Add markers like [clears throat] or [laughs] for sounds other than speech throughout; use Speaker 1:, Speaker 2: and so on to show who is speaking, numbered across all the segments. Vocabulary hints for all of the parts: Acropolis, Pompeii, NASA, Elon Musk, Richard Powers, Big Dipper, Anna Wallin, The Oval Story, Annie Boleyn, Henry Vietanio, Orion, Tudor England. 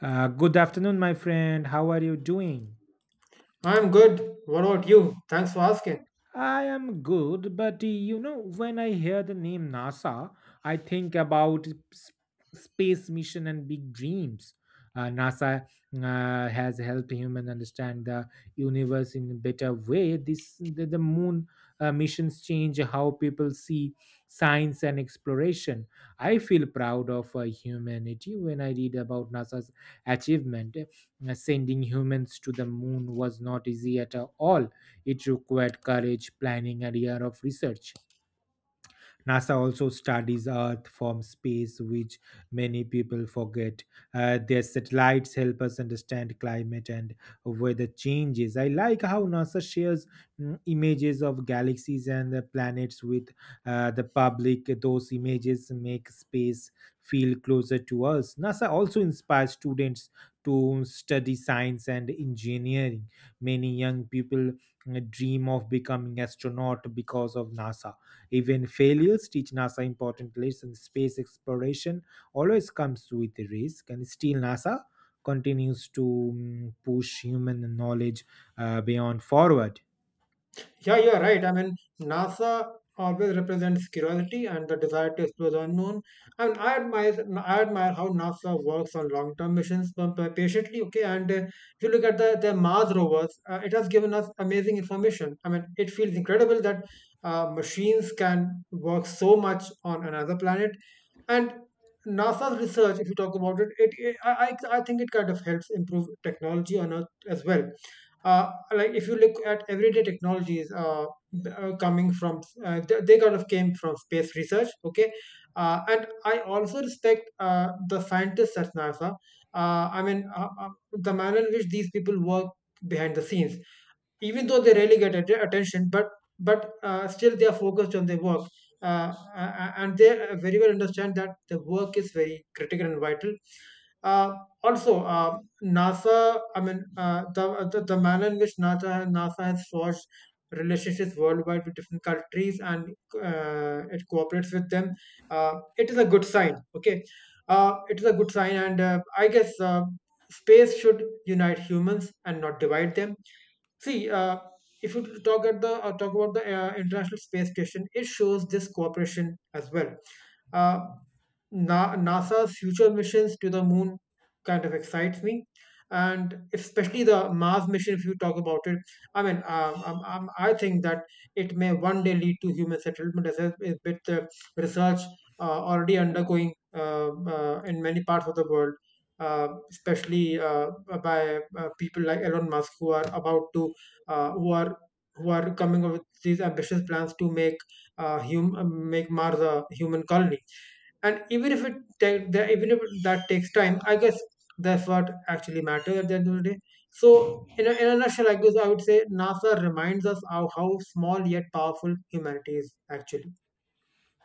Speaker 1: Good afternoon, my friend. How are you doing?
Speaker 2: I'm good. What about you? Thanks for asking.
Speaker 1: I am good, but you know, when I hear the name NASA, I think about s- space mission and big dreams. NASA has helped human understand the universe in a better way. This the moon missions change how people see science and exploration. I feel proud of humanity when I read about NASA's achievement. Sending humans to the moon was not easy at all, it required courage, planning, and year of research. NASA also studies Earth from space, which many people forget. Their satellites help us understand climate and weather changes. I like how NASA shares images of galaxies and the planets with the public. Those images make space feel closer to us. NASA also inspires students to study science and engineering. Many young people dream of becoming astronaut because of NASA. Even failures teach NASA important lessons. Space exploration always comes with a risk, and still NASA continues to push human knowledge beyond forward.
Speaker 2: Yeah, you're right. I mean, NASA always represents curiosity and the desire to explore the unknown. I mean, I admire how NASA works on long-term missions patiently. Okay, and if you look at the Mars rovers, it has given us amazing information. I mean, it feels incredible that machines can work so much on another planet, and NASA's research, if you talk about it, I think it kind of helps improve technology on Earth as well. Like if you look at everyday technologies coming from they kind of came from space research, okay. And I also respect the scientists at NASA. I mean, the manner in which these people work behind the scenes, even though they really get attention, but still they are focused on their work. Uh, a- and they very well understand that the work is very critical and vital. Uh, Also, NASA, I mean, the manner in which NASA has forged relationships worldwide with different countries, and it cooperates with them. It is a good sign. Okay, it is a good sign, and I guess space should unite humans and not divide them. See, if you talk about the International Space Station, it shows this cooperation as well. Uh, NASA's future missions to the moon kind of excites me, and especially the Mars mission. If you talk about it, I mean, I think that it may one day lead to human settlement, as is with the research already undergoing in many parts of the world. Especially by people like Elon Musk, who are about to, uh, who are who are coming up with these ambitious plans to make make Mars a human colony. And even if it take the, even if that takes time, I guess that's what actually matters at the end of the day. So in a nutshell, I guess I would say NASA reminds us of how small yet powerful humanity is actually.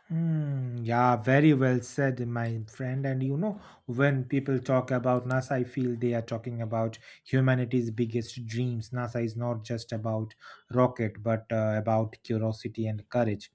Speaker 1: Hmm, yeah, very well said, my friend. And you know, when people talk about NASA, I feel they are talking about humanity's biggest dreams. NASA is not just about rocket, but about curiosity and courage.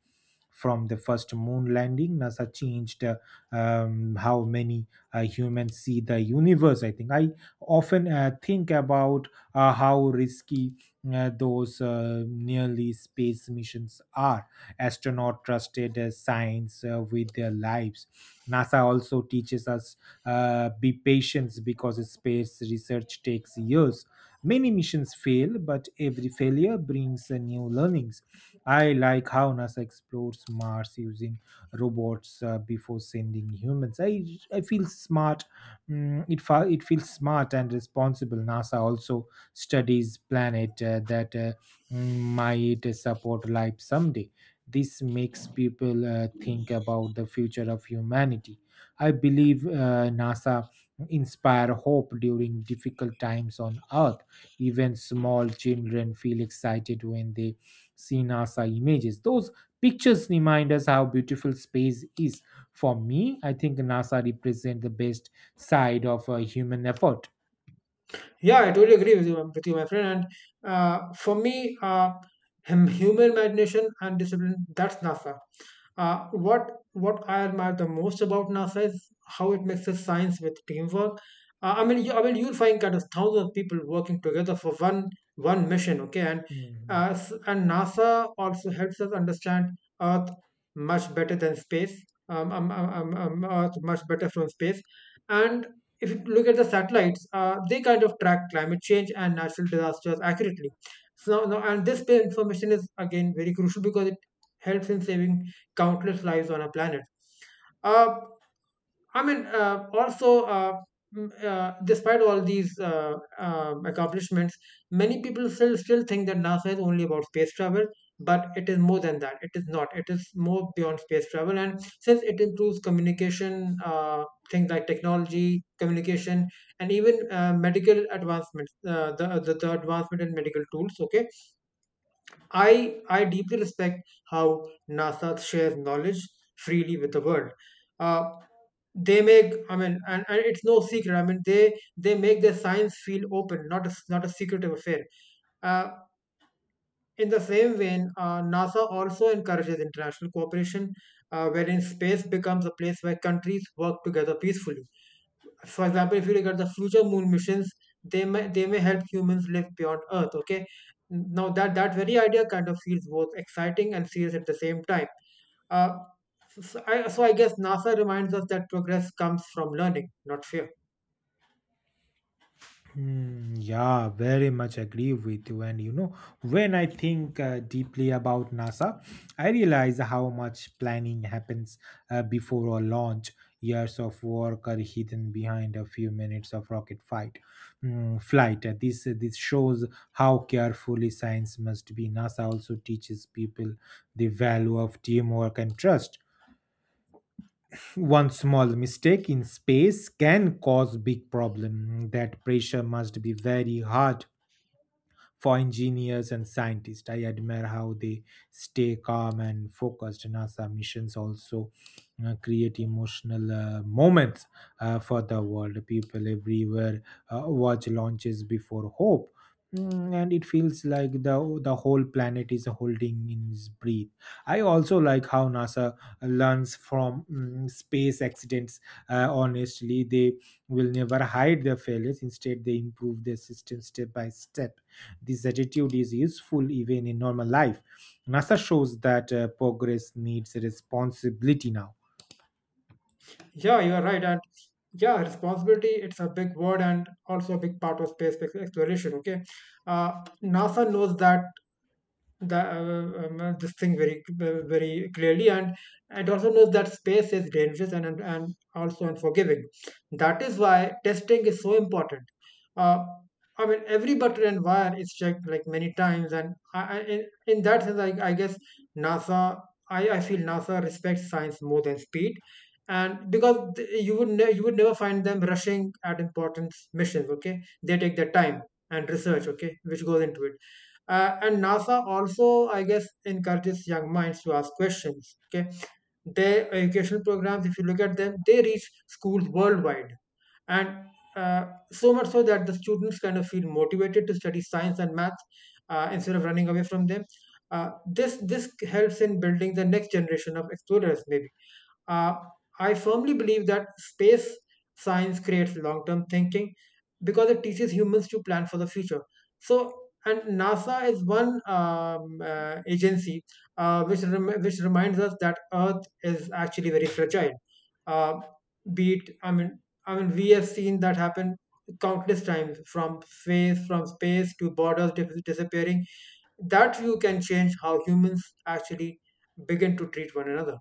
Speaker 1: From the first moon landing, NASA changed how many humans see the universe. I often think about how risky those nearly space missions are, astronaut trusted science with their lives. NASA also teaches us be patient because space research takes years. Many missions fail, but every failure brings new learnings. I like how NASA explores Mars using robots before sending humans. I feel smart. It feels smart and responsible. NASA also studies planet might support life someday. This makes people think about the future of humanity. I believe NASA inspire hope during difficult times on Earth. Even small children feel excited when they see NASA images. Those pictures remind us how beautiful space is. For me, I think NASA represents the best side of human effort.
Speaker 2: Yeah, I totally agree with you, my friend. And for me, human imagination and discipline, that's NASA. What I admire the most about NASA is how it mixes science with teamwork. I mean, I mean, you'll find kind of thousands of people working together for one mission, okay? And
Speaker 1: Mhm.
Speaker 2: and NASA also helps us understand Earth much better than space. Earth much better from space, and if you look at the satellites, they kind of track climate change and natural disasters accurately. So now, and this information is again very crucial because it helps in saving countless lives on our planet. Uh, I mean, also, despite all these accomplishments, many people still think that NASA is only about space travel, but it is more than that. It is not. It is more beyond space travel, and since it improves communication, things like technology, communication, and even medical advancements, the advancement in medical tools. Okay, I deeply respect how NASA shares knowledge freely with the world. Uh, they make I mean, and it's no secret. I mean, they make their science feel open, not a secretive affair. Uh, in the same vein, NASA also encourages international cooperation, wherein space becomes a place where countries work together peacefully. For example, if you look at the future moon missions, they may help humans live beyond Earth. Okay, now that very idea kind of feels both exciting and serious at the same time. Uh, so I guess NASA reminds us that progress comes from learning, not fear.
Speaker 1: Hmm, yeah, very much agree with you. And you know, when I think deeply about NASA, I realize how much planning happens before a launch. Years of work are hidden behind a few minutes of rocket fight. Flight. This shows how carefully science must be. NASA also teaches people the value of teamwork and trust. One small mistake in space can cause big problem. That pressure must be very hard for engineers and scientists. I admire how they stay calm and focused. NASA missions also create emotional moments for the world. People everywhere watch launches before hope. And it feels like the whole planet is holding in its breath. I also like how NASA learns from space accidents. Honestly, they will never hide their failures. Instead, they improve their system step by step. This attitude is useful even in normal life. NASA shows that progress needs responsibility now.
Speaker 2: Yeah, you are right, and yeah, responsibility, it's a big word and also a big part of space exploration. Okay, NASA knows that the this thing very very clearly, and it also knows that space is dangerous, and also unforgiving. That is why testing is so important. uh, I mean, every button and wire is checked like many times, and in that sense I guess NASA, I feel NASA respects science more than speed. And because you would you would never find them rushing at important missions, okay, they take their time and research, okay, which goes into it. And NASA also, I guess, encourages young minds to ask questions, okay. Their educational programs, if you look at them, they reach schools worldwide, and uh, so much so that the students kind of feel motivated to study science and math, instead of running away from them. This helps in building the next generation of explorers, maybe. uh, I firmly believe that space science creates long term thinking because it teaches humans to plan for the future. So, and NASA is one agency which reminds us that Earth is actually very fragile. Uh, be it, I mean, we have seen that happen countless times from space, to borders disappearing. That view can change how humans actually begin to treat one another.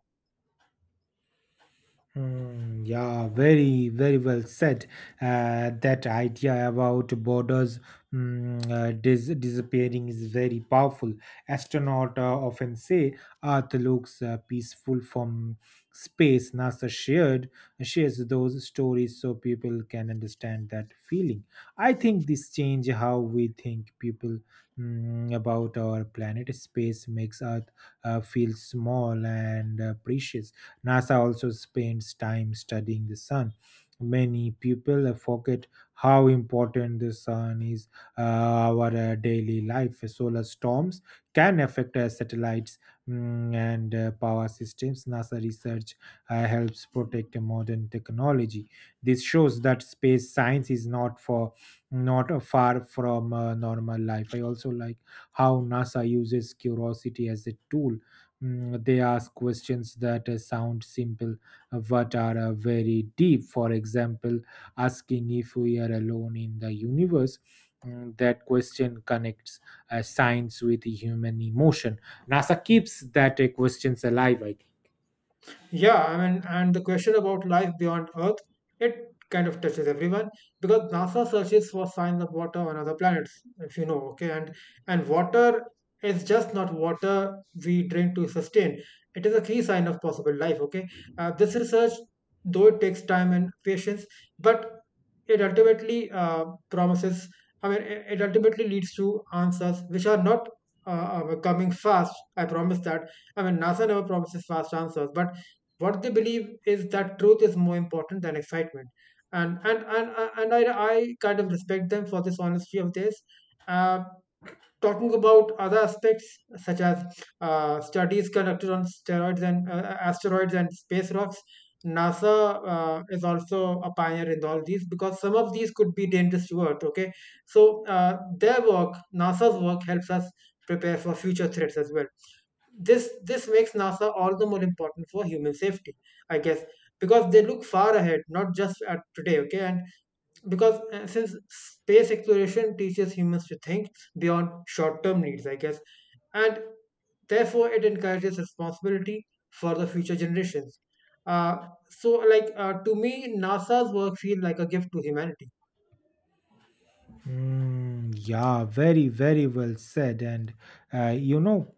Speaker 1: Mm, yeah, very, very well said. That idea about borders disappearing is very powerful. Astronauts often say Earth looks peaceful from space. NASA shared shares those stories so people can understand that feeling. I think this change how we think people about our planet. Space makes Earth feel small and precious. NASA also spends time studying the sun. Many people forget how important the sun is our daily life. Solar storms can affect satellites and power systems. NASA research helps protect modern technology. This shows that space science is not for not far from normal life. I also like how NASA uses curiosity as a tool. They ask questions that sound simple but are very deep. For example, asking if we are alone in the universe. That question connects science with human emotion. NASA keeps that questions alive, I think.
Speaker 2: Yeah, I mean, and the question about life beyond Earth, it kind of touches everyone because NASA searches for signs of water on other planets, if you know, okay. And water is just not water we drink to sustain. It is a key sign of possible life, okay. This research, though it takes time and patience, but it ultimately promises. I mean, it ultimately leads to answers which are not coming fast. I promise that. I mean, NASA never promises fast answers, but what they believe is that truth is more important than excitement, and I kind of respect them for this honesty of this. uh, Talking about other aspects such as studies conducted on steroids and asteroids and space rocks, NASA is also a pioneer in all these because some of these could be dangerous to Earth, okay. So their work, NASA's work, helps us prepare for future threats as well. This makes NASA all the more important for human safety, I guess, because they look far ahead, not just at today, okay. And because since space exploration teaches humans to think beyond short term needs, I guess, and therefore it encourages responsibility for the future generations. uh, to me, NASA's work feels like a gift to humanity.
Speaker 1: Mm, yeah, very, very well said. And you know,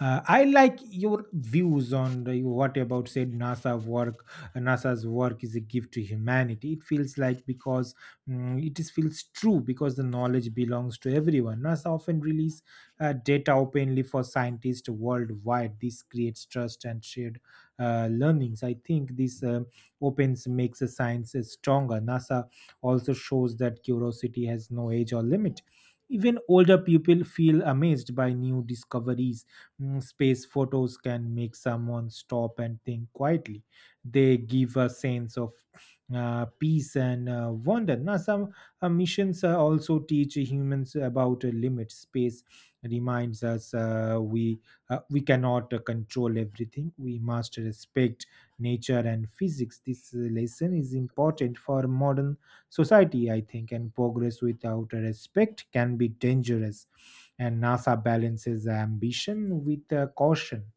Speaker 1: I like your views on the, what you about said NASA work. NASA's work is a gift to humanity. It feels like because it is feels true because the knowledge belongs to everyone. NASA often release data openly for scientists worldwide. This creates trust and shared learnings. I think this opens makes the science stronger. NASA also shows that curiosity has no age or limit. Even older people feel amazed by new discoveries. Space photos can make someone stop and think quietly. They give a sense of peace and wonder. Now, some missions also teach humans about limits. Space reminds us we cannot control everything. We must respect nature and physics. This lesson is important for modern society, I think, and progress without respect can be dangerous. And NASA balances ambition with caution.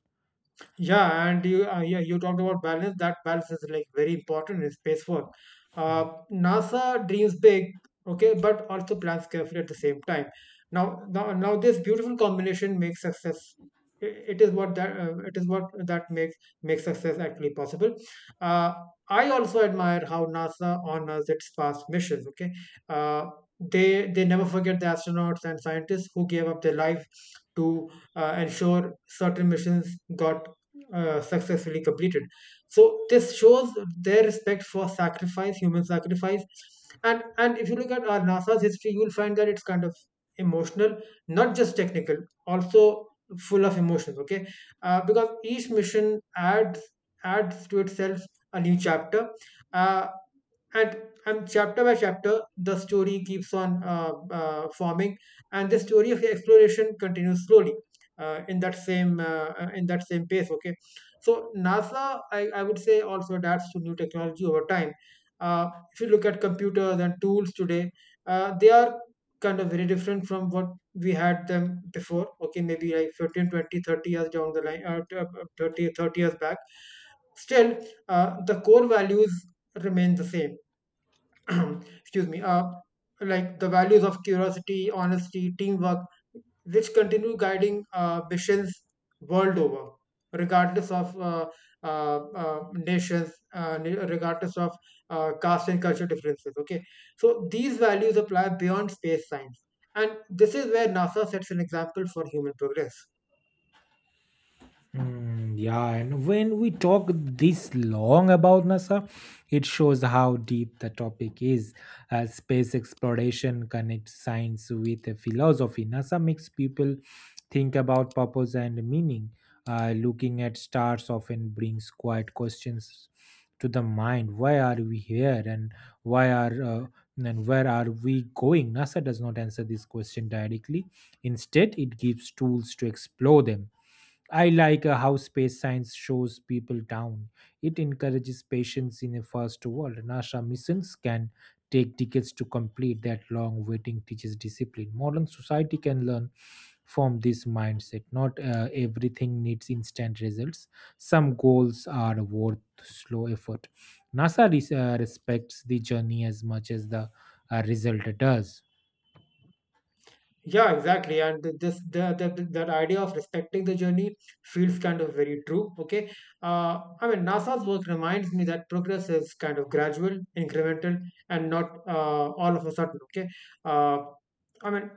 Speaker 2: Yeah, and you yeah, you talked about balance. That balance is like very important in space work. NASA dreams big, okay, but also plans carefully at the same time. Now this beautiful combination makes success. i- It is what that it is what that makes success actually possible. Uh, I also admire how NASA honors its past missions. Okay, uh, they they never forget the astronauts and scientists who gave up their life to ensure certain missions got successfully completed. So this shows their respect for sacrifice, human sacrifice, and if you look at our NASA's history, you'll find that it's kind of emotional, not just technical, also full of emotions. Okay, because each mission adds to itself a new chapter. Uh, and chapter by chapter, the story keeps on forming, and the story of exploration continues slowly in that same pace, okay. So NASA, I would say, also adapts to new technology over time. uh, if you look at computers and tools today, they are kind of very different from what we had them before, okay, maybe like 15, 20, 30 years down the line thirty years back, still, the core values remain the same. [clears throat] Excuse me, like the values of curiosity, honesty, teamwork, which continue guiding missions world over, regardless of nations, regardless of caste and cultural differences. Okay, so these values apply beyond space science, and this is where NASA sets an example for human progress.
Speaker 1: Mm, yeah, and when we talk this long about NASA, it shows how deep the topic is. Space exploration connects science with the philosophy. NASA makes people think about purpose and meaning. Looking at stars often brings quiet questions to the mind. Why are we here, and why are and where are we going? NASA does not answer this question directly. Instead, it gives tools to explore them. I like how space science shows people down. It encourages patience in a first world. NASA missions can take decades to complete that long waiting teaches discipline. Modern society can learn from this mindset. Not everything needs instant results. Some goals are worth slow effort. NASA respects the journey as much as the result does.
Speaker 2: Yeah, exactly. And th- this the- that idea of respecting the journey feels kind of very true. Okay. I mean, NASA's work reminds me that progress is kind of gradual, incremental, and not all of a sudden. Okay. Uh, I mean,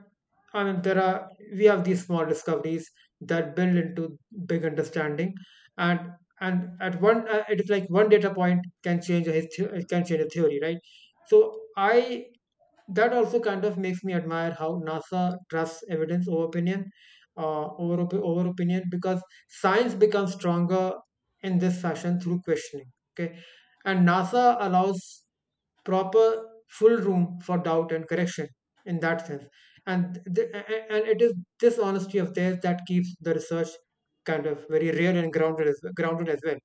Speaker 2: there are we have these small discoveries that build into big understanding, and and at one it is like one data point can change a can change a theory, right? So I that also kind of makes me admire how NASA trusts evidence over opinion, over opinion, because science becomes stronger in this fashion through questioning. Okay, and NASA allows proper full room for doubt and correction in that sense, and and it is this honesty of theirs that keeps the research kind of very real and grounded as well.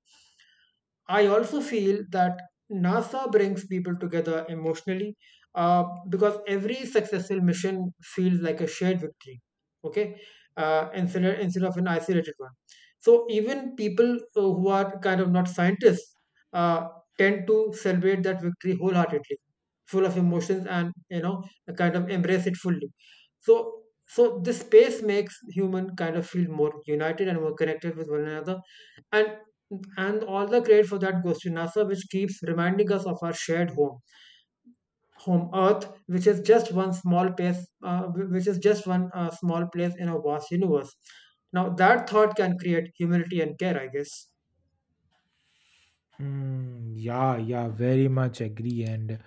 Speaker 2: I also feel that NASA brings people together emotionally because every successful mission feels like a shared victory, okay, instead of an isolated one. So even people who are kind of not scientists uh, tend to celebrate that victory wholeheartedly, full of emotions and kind of embrace it fully. So, so this space makes human kind of feel more united and more connected with one another and and all the credit for that goes to NASA, which keeps reminding us of our shared home, home Earth, which is just one small place, which is just one small place in a vast universe. Now that thought can create humility and care, I guess.
Speaker 1: Mm, yeah, yeah, very much agree. And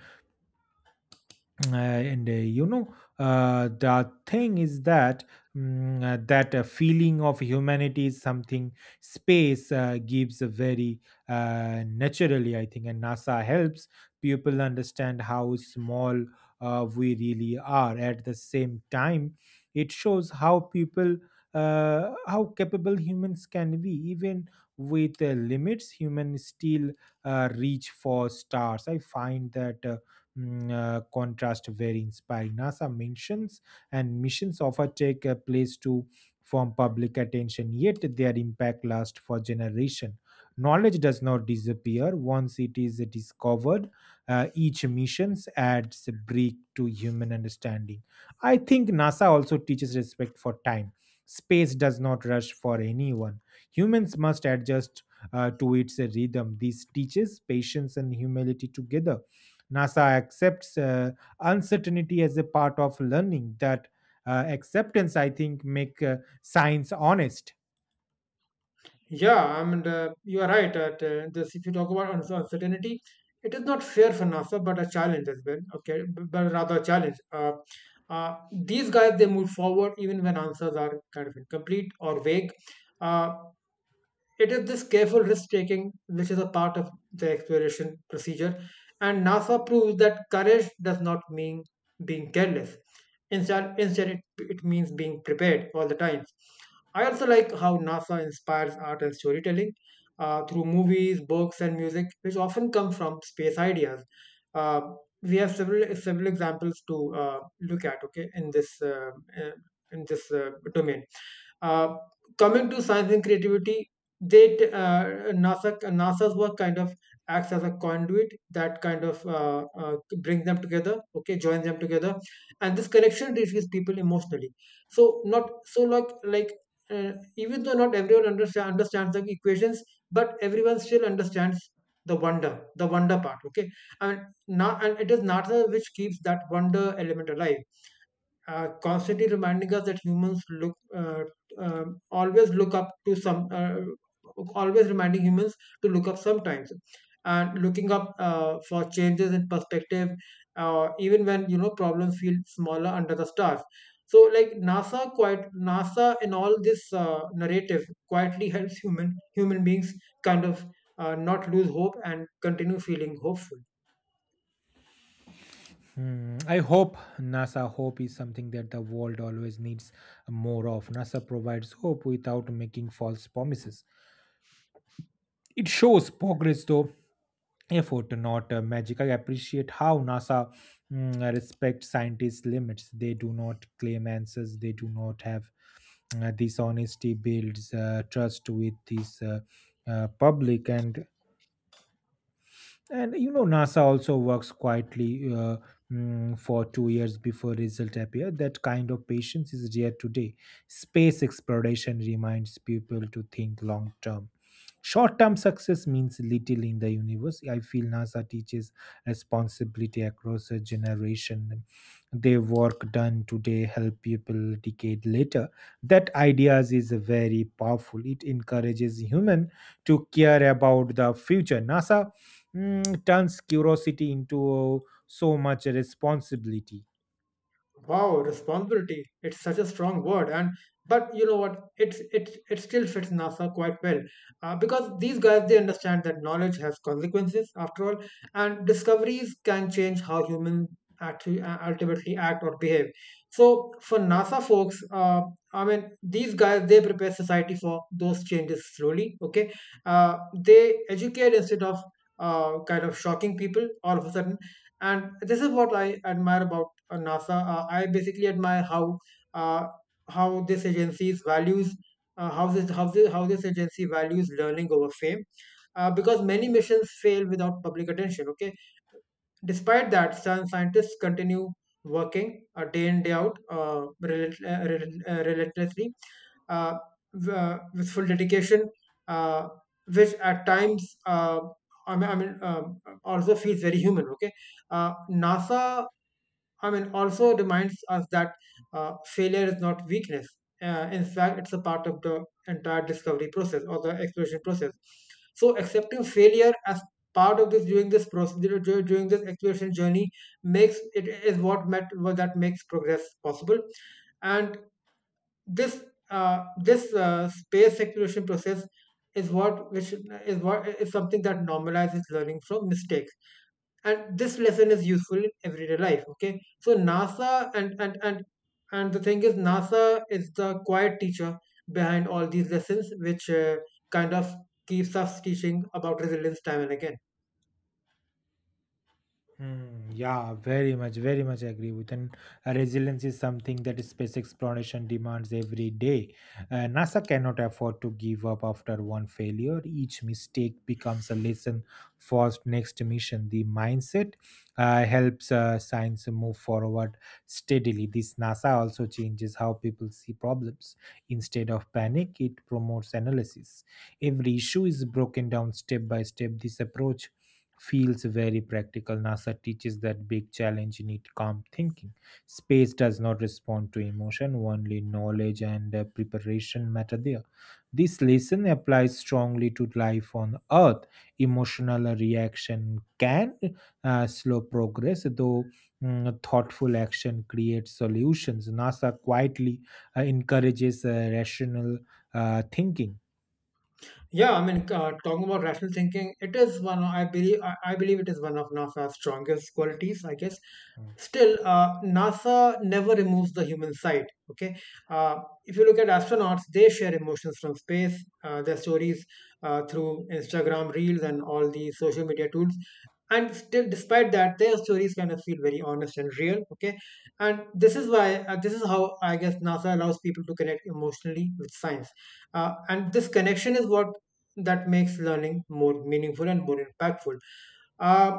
Speaker 1: Uh, and uh, you know the thing is that feeling of humanity is something space gives a very naturally, I think, and nasa helps people understand how small we really are. At the same time, it shows how people how capable humans can be. Even with limits, humans still reach for stars. I find that contrast very inspiring. NASA mentions and missions often take a place to form public attention, yet their impact lasts for generation. Knowledge does not disappear once it is discovered. Each missions adds a break to human understanding. I think NASA also teaches respect for time. Space does not rush for anyone. Humans must adjust to its rhythm. This teaches patience and humility together. NASA accepts uncertainty as a part of learning. That acceptance, I think, make science honest.
Speaker 2: Yeah, I mean, you are right. If you talk about uncertainty, it is not fair for NASA, but a challenge as well. Okay, but rather a challenge. Uh, these guys they move forward even when answers are kind of incomplete or vague. Uh, It is this careful risk taking which is a part of the exploration procedure, and NASA proves that courage does not mean being careless. Instead, it means being prepared all the time. I also like how NASA inspires art and storytelling through movies, books, and music, which often come from space ideas. Uh, we have several examples to look at, okay, in this uh, domain. Uh, coming to science and creativity, they t- uh, NASA's work kind of acts as a conduit that kind of brings them together, okay, joins them together, and this connection reaches people emotionally. So even though not everyone understands the equations, but everyone still understands the wonder part. Okay, I mean now and it is NASA which keeps that wonder element alive constantly reminding us that humans look always look up to some always reminding humans to look up sometimes, and looking up for changes in perspective even when you know problems feel smaller under the stars. So like NASA and all this narrative quietly [laughs] helps human beings kind of not lose hope and continue feeling hopeful.
Speaker 1: Hmm, I hope NASA hope is something that the world always needs more of. NASA provides hope without making false promises. It shows progress, though, effort, not magic. I appreciate how NASA respects scientists' limits. They do not claim answers. They do not have this honesty builds trust with this public. And you know, NASA also works quietly for 2 years before results appear. That kind of patience is rare today. Space exploration reminds people to think long term. Short term success means little in the universe. I feel NASA teaches responsibility across a generation. Their work done today help people decade later. That ideas is very powerful. It encourages human to care about the future. NASA turns curiosity into so much responsibility.
Speaker 2: Wow, responsibility. It's such a strong word, and but you know what? It still fits NASA quite well, because these guys they understand that knowledge has consequences after all, and discoveries can change how humans actually ultimately act or behave. So for NASA folks, I mean these guys they prepare society for those changes slowly. Okay, they educate instead of kind of shocking people all of a sudden, and this is what I admire about NASA. I basically admire uh, how this agency's values how this how this, how this agency values learning over fame. Because many missions fail without public attention. Okay, despite that, some scientists continue working day in day out relentlessly, uh, with full dedication, uh, which at times also feels very human. Okay, NASA, I mean, also reminds us that failure is not weakness. In fact, it's a part of the entire discovery process or the exploration process. So, accepting failure as part of this during this process dur- during this exploration journey makes it is what met, what that makes progress possible. And this this space exploration process is what which is what is something that normalizes learning from mistakes, and this lesson is useful in everyday life. Okay, so nasa and the thing is NASA is the quiet teacher behind all these lessons, which kind of keeps us teaching about resilience time and again.
Speaker 1: Hmm, yeah, very much, very much agree with. And resilience is something that space exploration demands every day. NASA cannot afford to give up after one failure. Each mistake becomes a lesson for next mission. The mindset helps science move forward steadily. This NASA also changes how people see problems. Instead of panic, it promotes analysis. Every issue is broken down step by step. This approach feels very practical. NASA teaches that big challenge need calm thinking. Space does not respond to emotion, only knowledge and preparation matter there. This lesson applies strongly to life on Earth. Emotional reaction can slow progress, though thoughtful action creates solutions. NASA quietly encourages rational thinking.
Speaker 2: Yeah, I mean, talking about rational thinking, it is one. Of- I believe. I believe it is one of NASA's strongest qualities, I guess. Still, NASA never removes the human side. Okay. If you look at astronauts, they share emotions from space. Their stories through Instagram reels and all the social media tools. And still, despite that, their stories kind of feel very honest and real. Okay, and this is why this is how, I guess, NASA allows people to connect emotionally with science, and this connection is what that makes learning more meaningful and more impactful. Uh,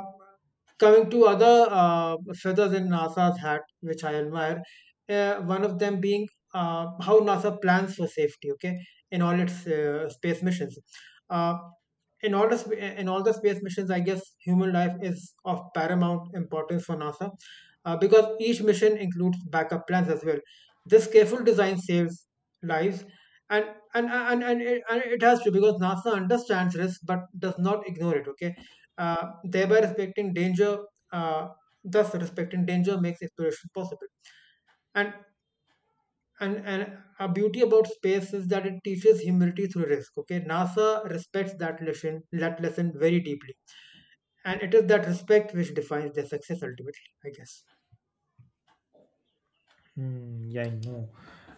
Speaker 2: coming to other feathers in NASA's hat, which I admire, one of them being how NASA plans for safety. Okay, in all its space missions. Uh, in all the sp- in all the space missions, I guess human life is of paramount importance for NASA because each mission includes backup plans as well. This careful design saves lives and and it has to because NASA understands risk but does not ignore it. Okay, uh, thereby respecting danger, uh, thus respecting danger makes exploration possible. And and a beauty about space is that it teaches humility through risk. Okay, NASA respects that lesson very deeply, and it is that respect which defines their success ultimately, I guess.
Speaker 1: Hmm, yeah, I know.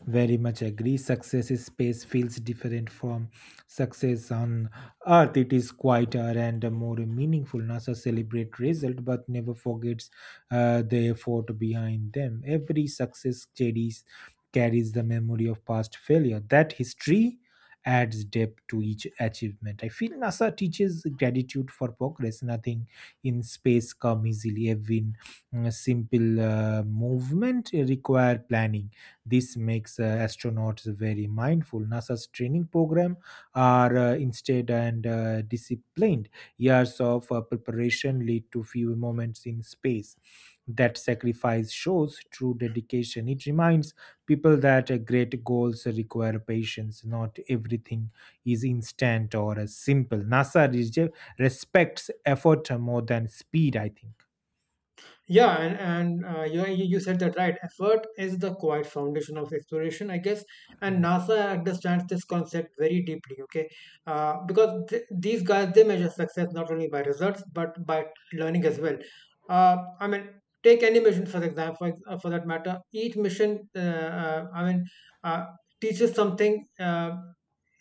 Speaker 1: Very much agree. Success in space feels different from success on Earth. It is quieter and more meaningful. NASA celebrate result, but never forgets the effort behind them. Every success carries the memory of past failure. That history adds depth to each achievement. I feel NASA teaches gratitude for progress. Nothing in space come easily. Every Mm, A simple movement require planning. This makes astronauts very mindful. NASA's training program are instead and disciplined. Years of preparation lead to few moments in space. That sacrifice shows true dedication. It reminds people that great goals require patience. Not everything is instant or simple. NASA respects effort more than speed, I think.
Speaker 2: Yeah, and you you said that right. Effort is the quiet foundation of exploration, I guess. And NASA understands this concept very deeply. Okay, because these guys they measure success not only by results but by learning as well. I mean, take any mission for example, for that matter. Each mission, uh, I mean, uh, teaches something.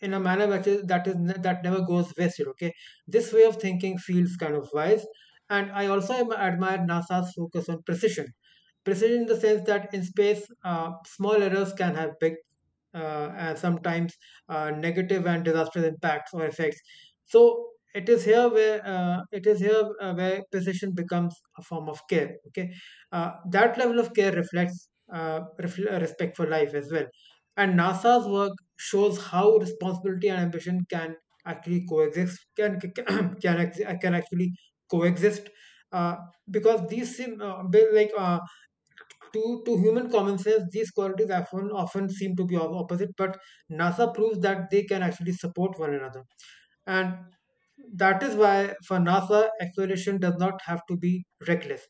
Speaker 2: In a manner that is that never goes wasted. Okay, this way of thinking feels kind of wise, and I also admire NASA's focus on precision. Precision in the sense that in space, small errors can have big and sometimes negative and disastrous impacts or effects. So it is here where it is here where precision becomes a form of care. Okay, that level of care reflects respect for life as well. And NASA's work shows how responsibility and ambition can actually coexist. Can [clears throat] can, act- can actually coexist. Uh, because these sim be- like to human common sense, these qualities often seem to be opposite, but NASA proves that they can actually support one another. And that is why for NASA, exploration does not have to be reckless.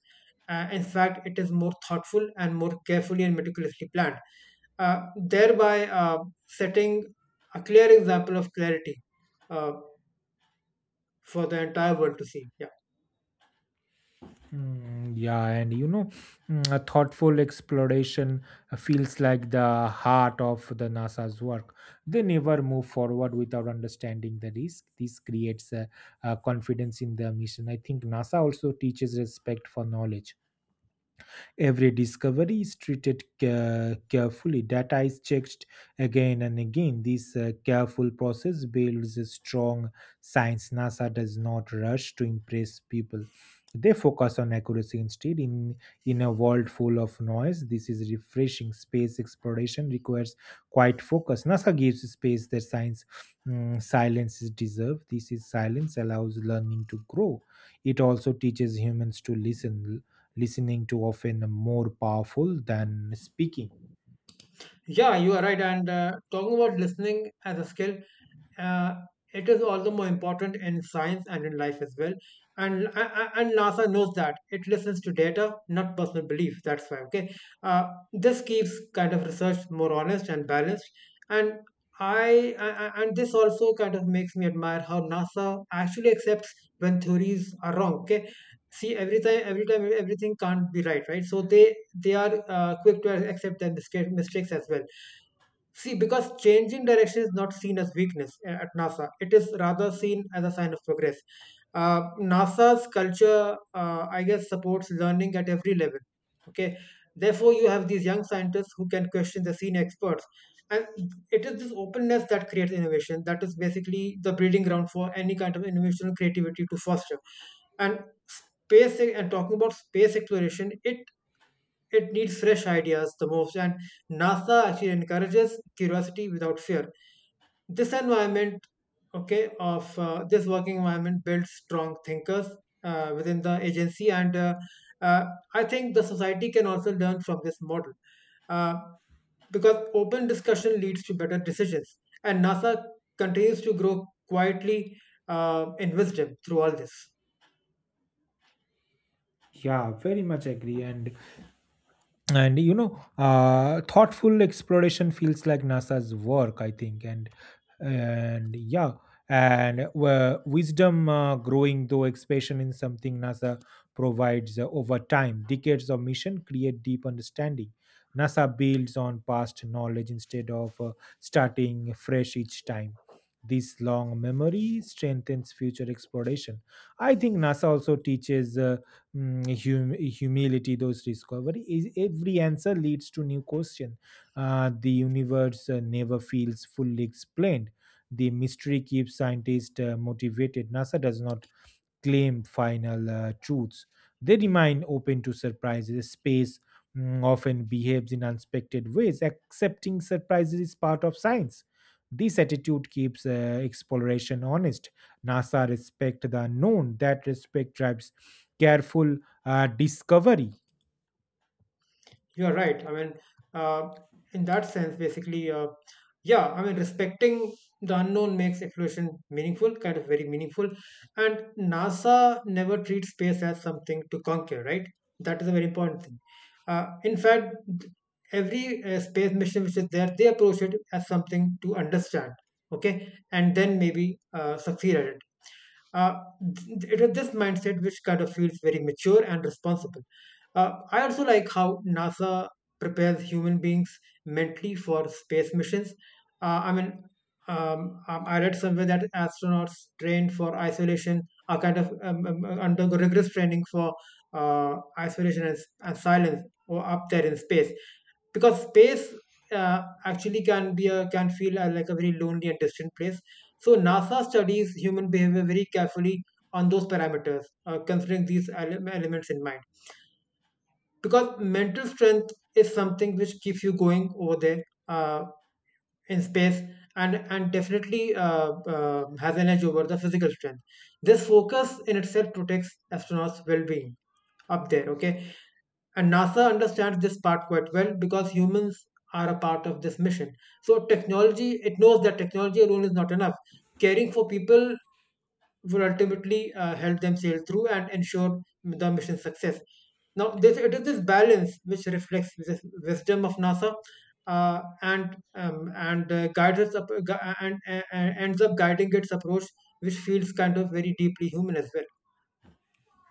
Speaker 2: In fact, it is more thoughtful and more carefully and meticulously planned, thereby setting a clear example of clarity uh, for the entire world to see.
Speaker 1: Mm, yeah, and a thoughtful exploration feels like the heart of the NASA's work. They never move forward without understanding the risk. This creates a confidence in the mission. I think NASA also teaches respect for knowledge. Every discovery is treated carefully. Data is checked again and again. This careful process builds a strong science. NASA does not rush to impress people. They focus on accuracy instead. In a world full of noise, this is refreshing. Space exploration requires quite focus. NASA gives space that science mm, silence is deserved. This is silence allows learning to grow. It also teaches humans to listen, listening to often more powerful than speaking.
Speaker 2: Yeah, you are right. And talking about listening as a skill, uh, it is all the more important in science and in life as well. And and NASA knows that it listens to data, not personal belief. That's why. Okay, this keeps kind of research more honest and balanced. And I and this also kind of makes me admire how NASA actually accepts when theories are wrong. Okay, see, every time everything can't be right, right? So they are quick to accept their mistakes as well. See, because changing direction is not seen as weakness at NASA, it is rather seen as a sign of progress. NASA's culture, I guess, supports learning at every level. Okay, therefore, you have these young scientists who can question the senior experts, and it is this openness that creates innovation. That is basically the breeding ground for any kind of innovation or creativity to foster. And space and talking about space exploration, it needs fresh ideas the most, and NASA actually encourages curiosity without fear. This environment, okay, of this working environment builds strong thinkers within the agency, and uh, I think the society can also learn from this model, uh, because open discussion leads to better decisions, and NASA continues to grow quietly in wisdom through all this.
Speaker 1: Yeah, very much agree. And you know, thoughtful exploration feels like NASA's work, I think. And yeah, and wisdom growing though expansion in something NASA provides over time. Decades of mission create deep understanding. NASA builds on past knowledge instead of starting fresh each time. This long memory strengthens future exploration. I think NASA also teaches humility. Those discovery is every answer leads to new question. The universe never feels fully explained. The mystery keeps scientists motivated. NASA does not claim final truths. They remain open to surprises. Space mm, often behaves in unexpected ways. Accepting surprises is part of science. This attitude keeps exploration honest. NASA respect the unknown. That respect drives careful discovery.
Speaker 2: You're right. I mean, uh, in that sense, basically, yeah, I mean, respecting the unknown makes exploration meaningful, kind of very meaningful. And NASA never treats space as something to conquer, right? That is a very important thing. Uh, in fact, every space mission which is there, they approach it as something to understand, okay, and then maybe succeed at it. Uh, it is this mindset which kind of feels very mature and responsible. I also like how NASA prepares human beings mentally for space missions. I mean, I read somewhere that astronauts trained for isolation are kind of undergo rigorous training for isolation and and silence or up there in space, because space actually can feel like a very lonely and distant place. So NASA studies human behavior very carefully on those parameters, considering these elements in mind. Because mental strength is something which keeps you going over there uh, in space, and definitely has an edge over the physical strength. This focus in itself protects astronauts' well-being up there. Okay, and NASA understands this part quite well because humans are a part of this mission. So technology, it knows that technology alone is not enough. Caring for people will ultimately help them sail through and ensure the mission's success. Now, this it is this balance which reflects this wisdom of NASA and guides us up, gu- and ends up guiding its approach, which feels kind of very deeply human as well.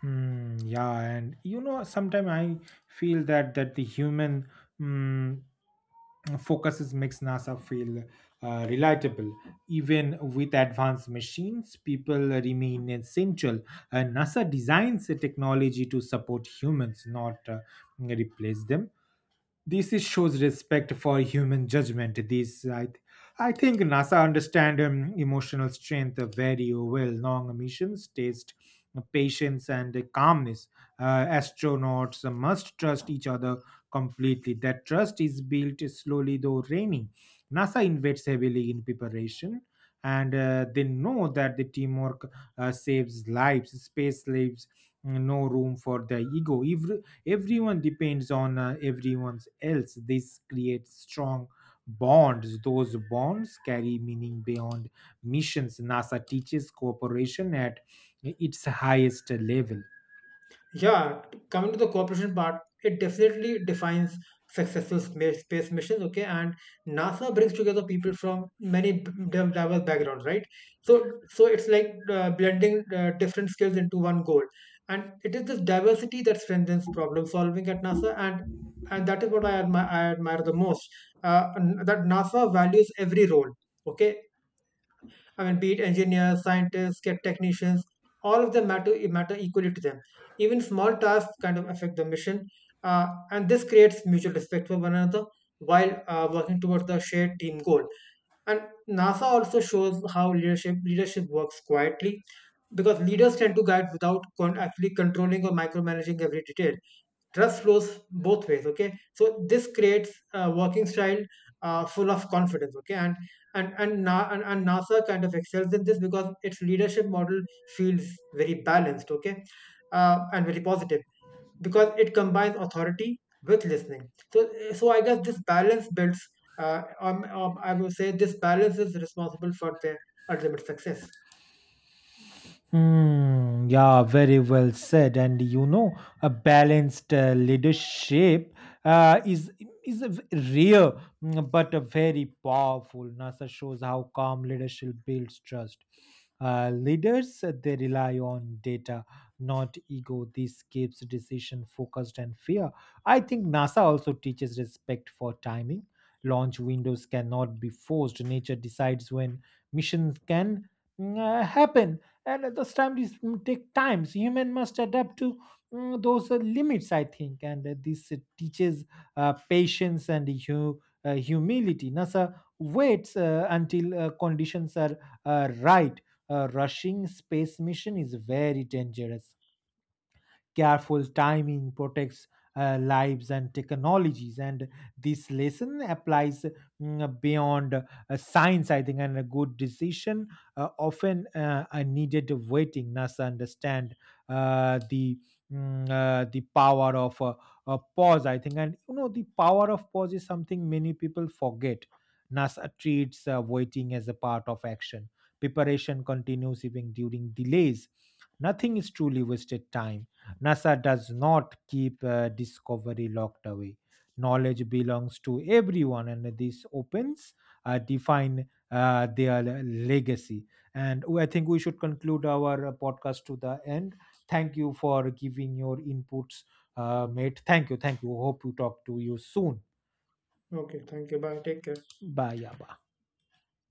Speaker 1: Hmm, yeah, and you know, sometimes I feel that the human mm, focuses makes NASA feel relatable. Even with advanced machines, people remain essential. NASA designs a technology to support humans, not replace them. This is shows respect for human judgment. I think NASA understand emotional strength very well. Long missions test patience and calmness. Astronauts must trust each other completely. That trust is built slowly though rainy. NASA invests heavily in preparation, and they know that the teamwork saves lives. Space leaves no room for the ego. Everyone depends on everyone else. This creates strong bonds. Those bonds carry meaning beyond missions. NASA teaches cooperation at its highest level.
Speaker 2: Yeah, coming to the cooperation part, it definitely defines successful space missions. Okay, and NASA brings together people from many diverse backgrounds, right? So it's like blending different skills into one goal, and it is this diversity that strengthens problem solving at NASA, and that is what I admire the most. And that NASA values every role. Okay, I mean, be it engineers, scientists, technicians, all of them matter equally to them. Even small tasks kind of affect the mission, and this creates mutual respect for one another while working towards the shared team goal. And NASA also shows how leadership works quietly, because leaders tend to guide without actually controlling or micromanaging every detail. Trust flows both ways. Okay, so this creates a working style full of confidence. Okay, and and NASA kind of excels in this because its leadership model feels very balanced, okay, and very positive, because it combines authority with listening. So, so, I guess this balance builds. I will say this balance is responsible for their ultimate success.
Speaker 1: Hmm, yeah, very well said. And you know, a balanced leadership uh, is is a rare, mm, but a very powerful. NASA shows how calm leadership builds trust. Leaders they rely on data, not ego. This keeps decision focused and fair. I think NASA also teaches respect for timing. Launch windows cannot be forced. Nature decides when missions can happen, and those times take times human must adapt to those limits, I think. And this teaches patience and humility. NASA waits until conditions are right. Rushing space mission is very dangerous. Careful timing protects lives and technologies, and this lesson applies mm, beyond science, I think. And a good decision often are needed waiting. NASA understand the the power of a pause, I think. And you know, the power of pause is something many people forget. NASA treats waiting as a part of action. Preparation continues even during delays. Nothing is truly wasted time. NASA does not keep discovery locked away. Knowledge belongs to everyone, and this opens define their legacy. And I think we should conclude our podcast to the end. Thank you for giving your inputs, mate. Thank you, thank you. Hope you talk to you soon.
Speaker 2: Okay, thank you. Bye. Take care.
Speaker 1: Bye, yeah, bye.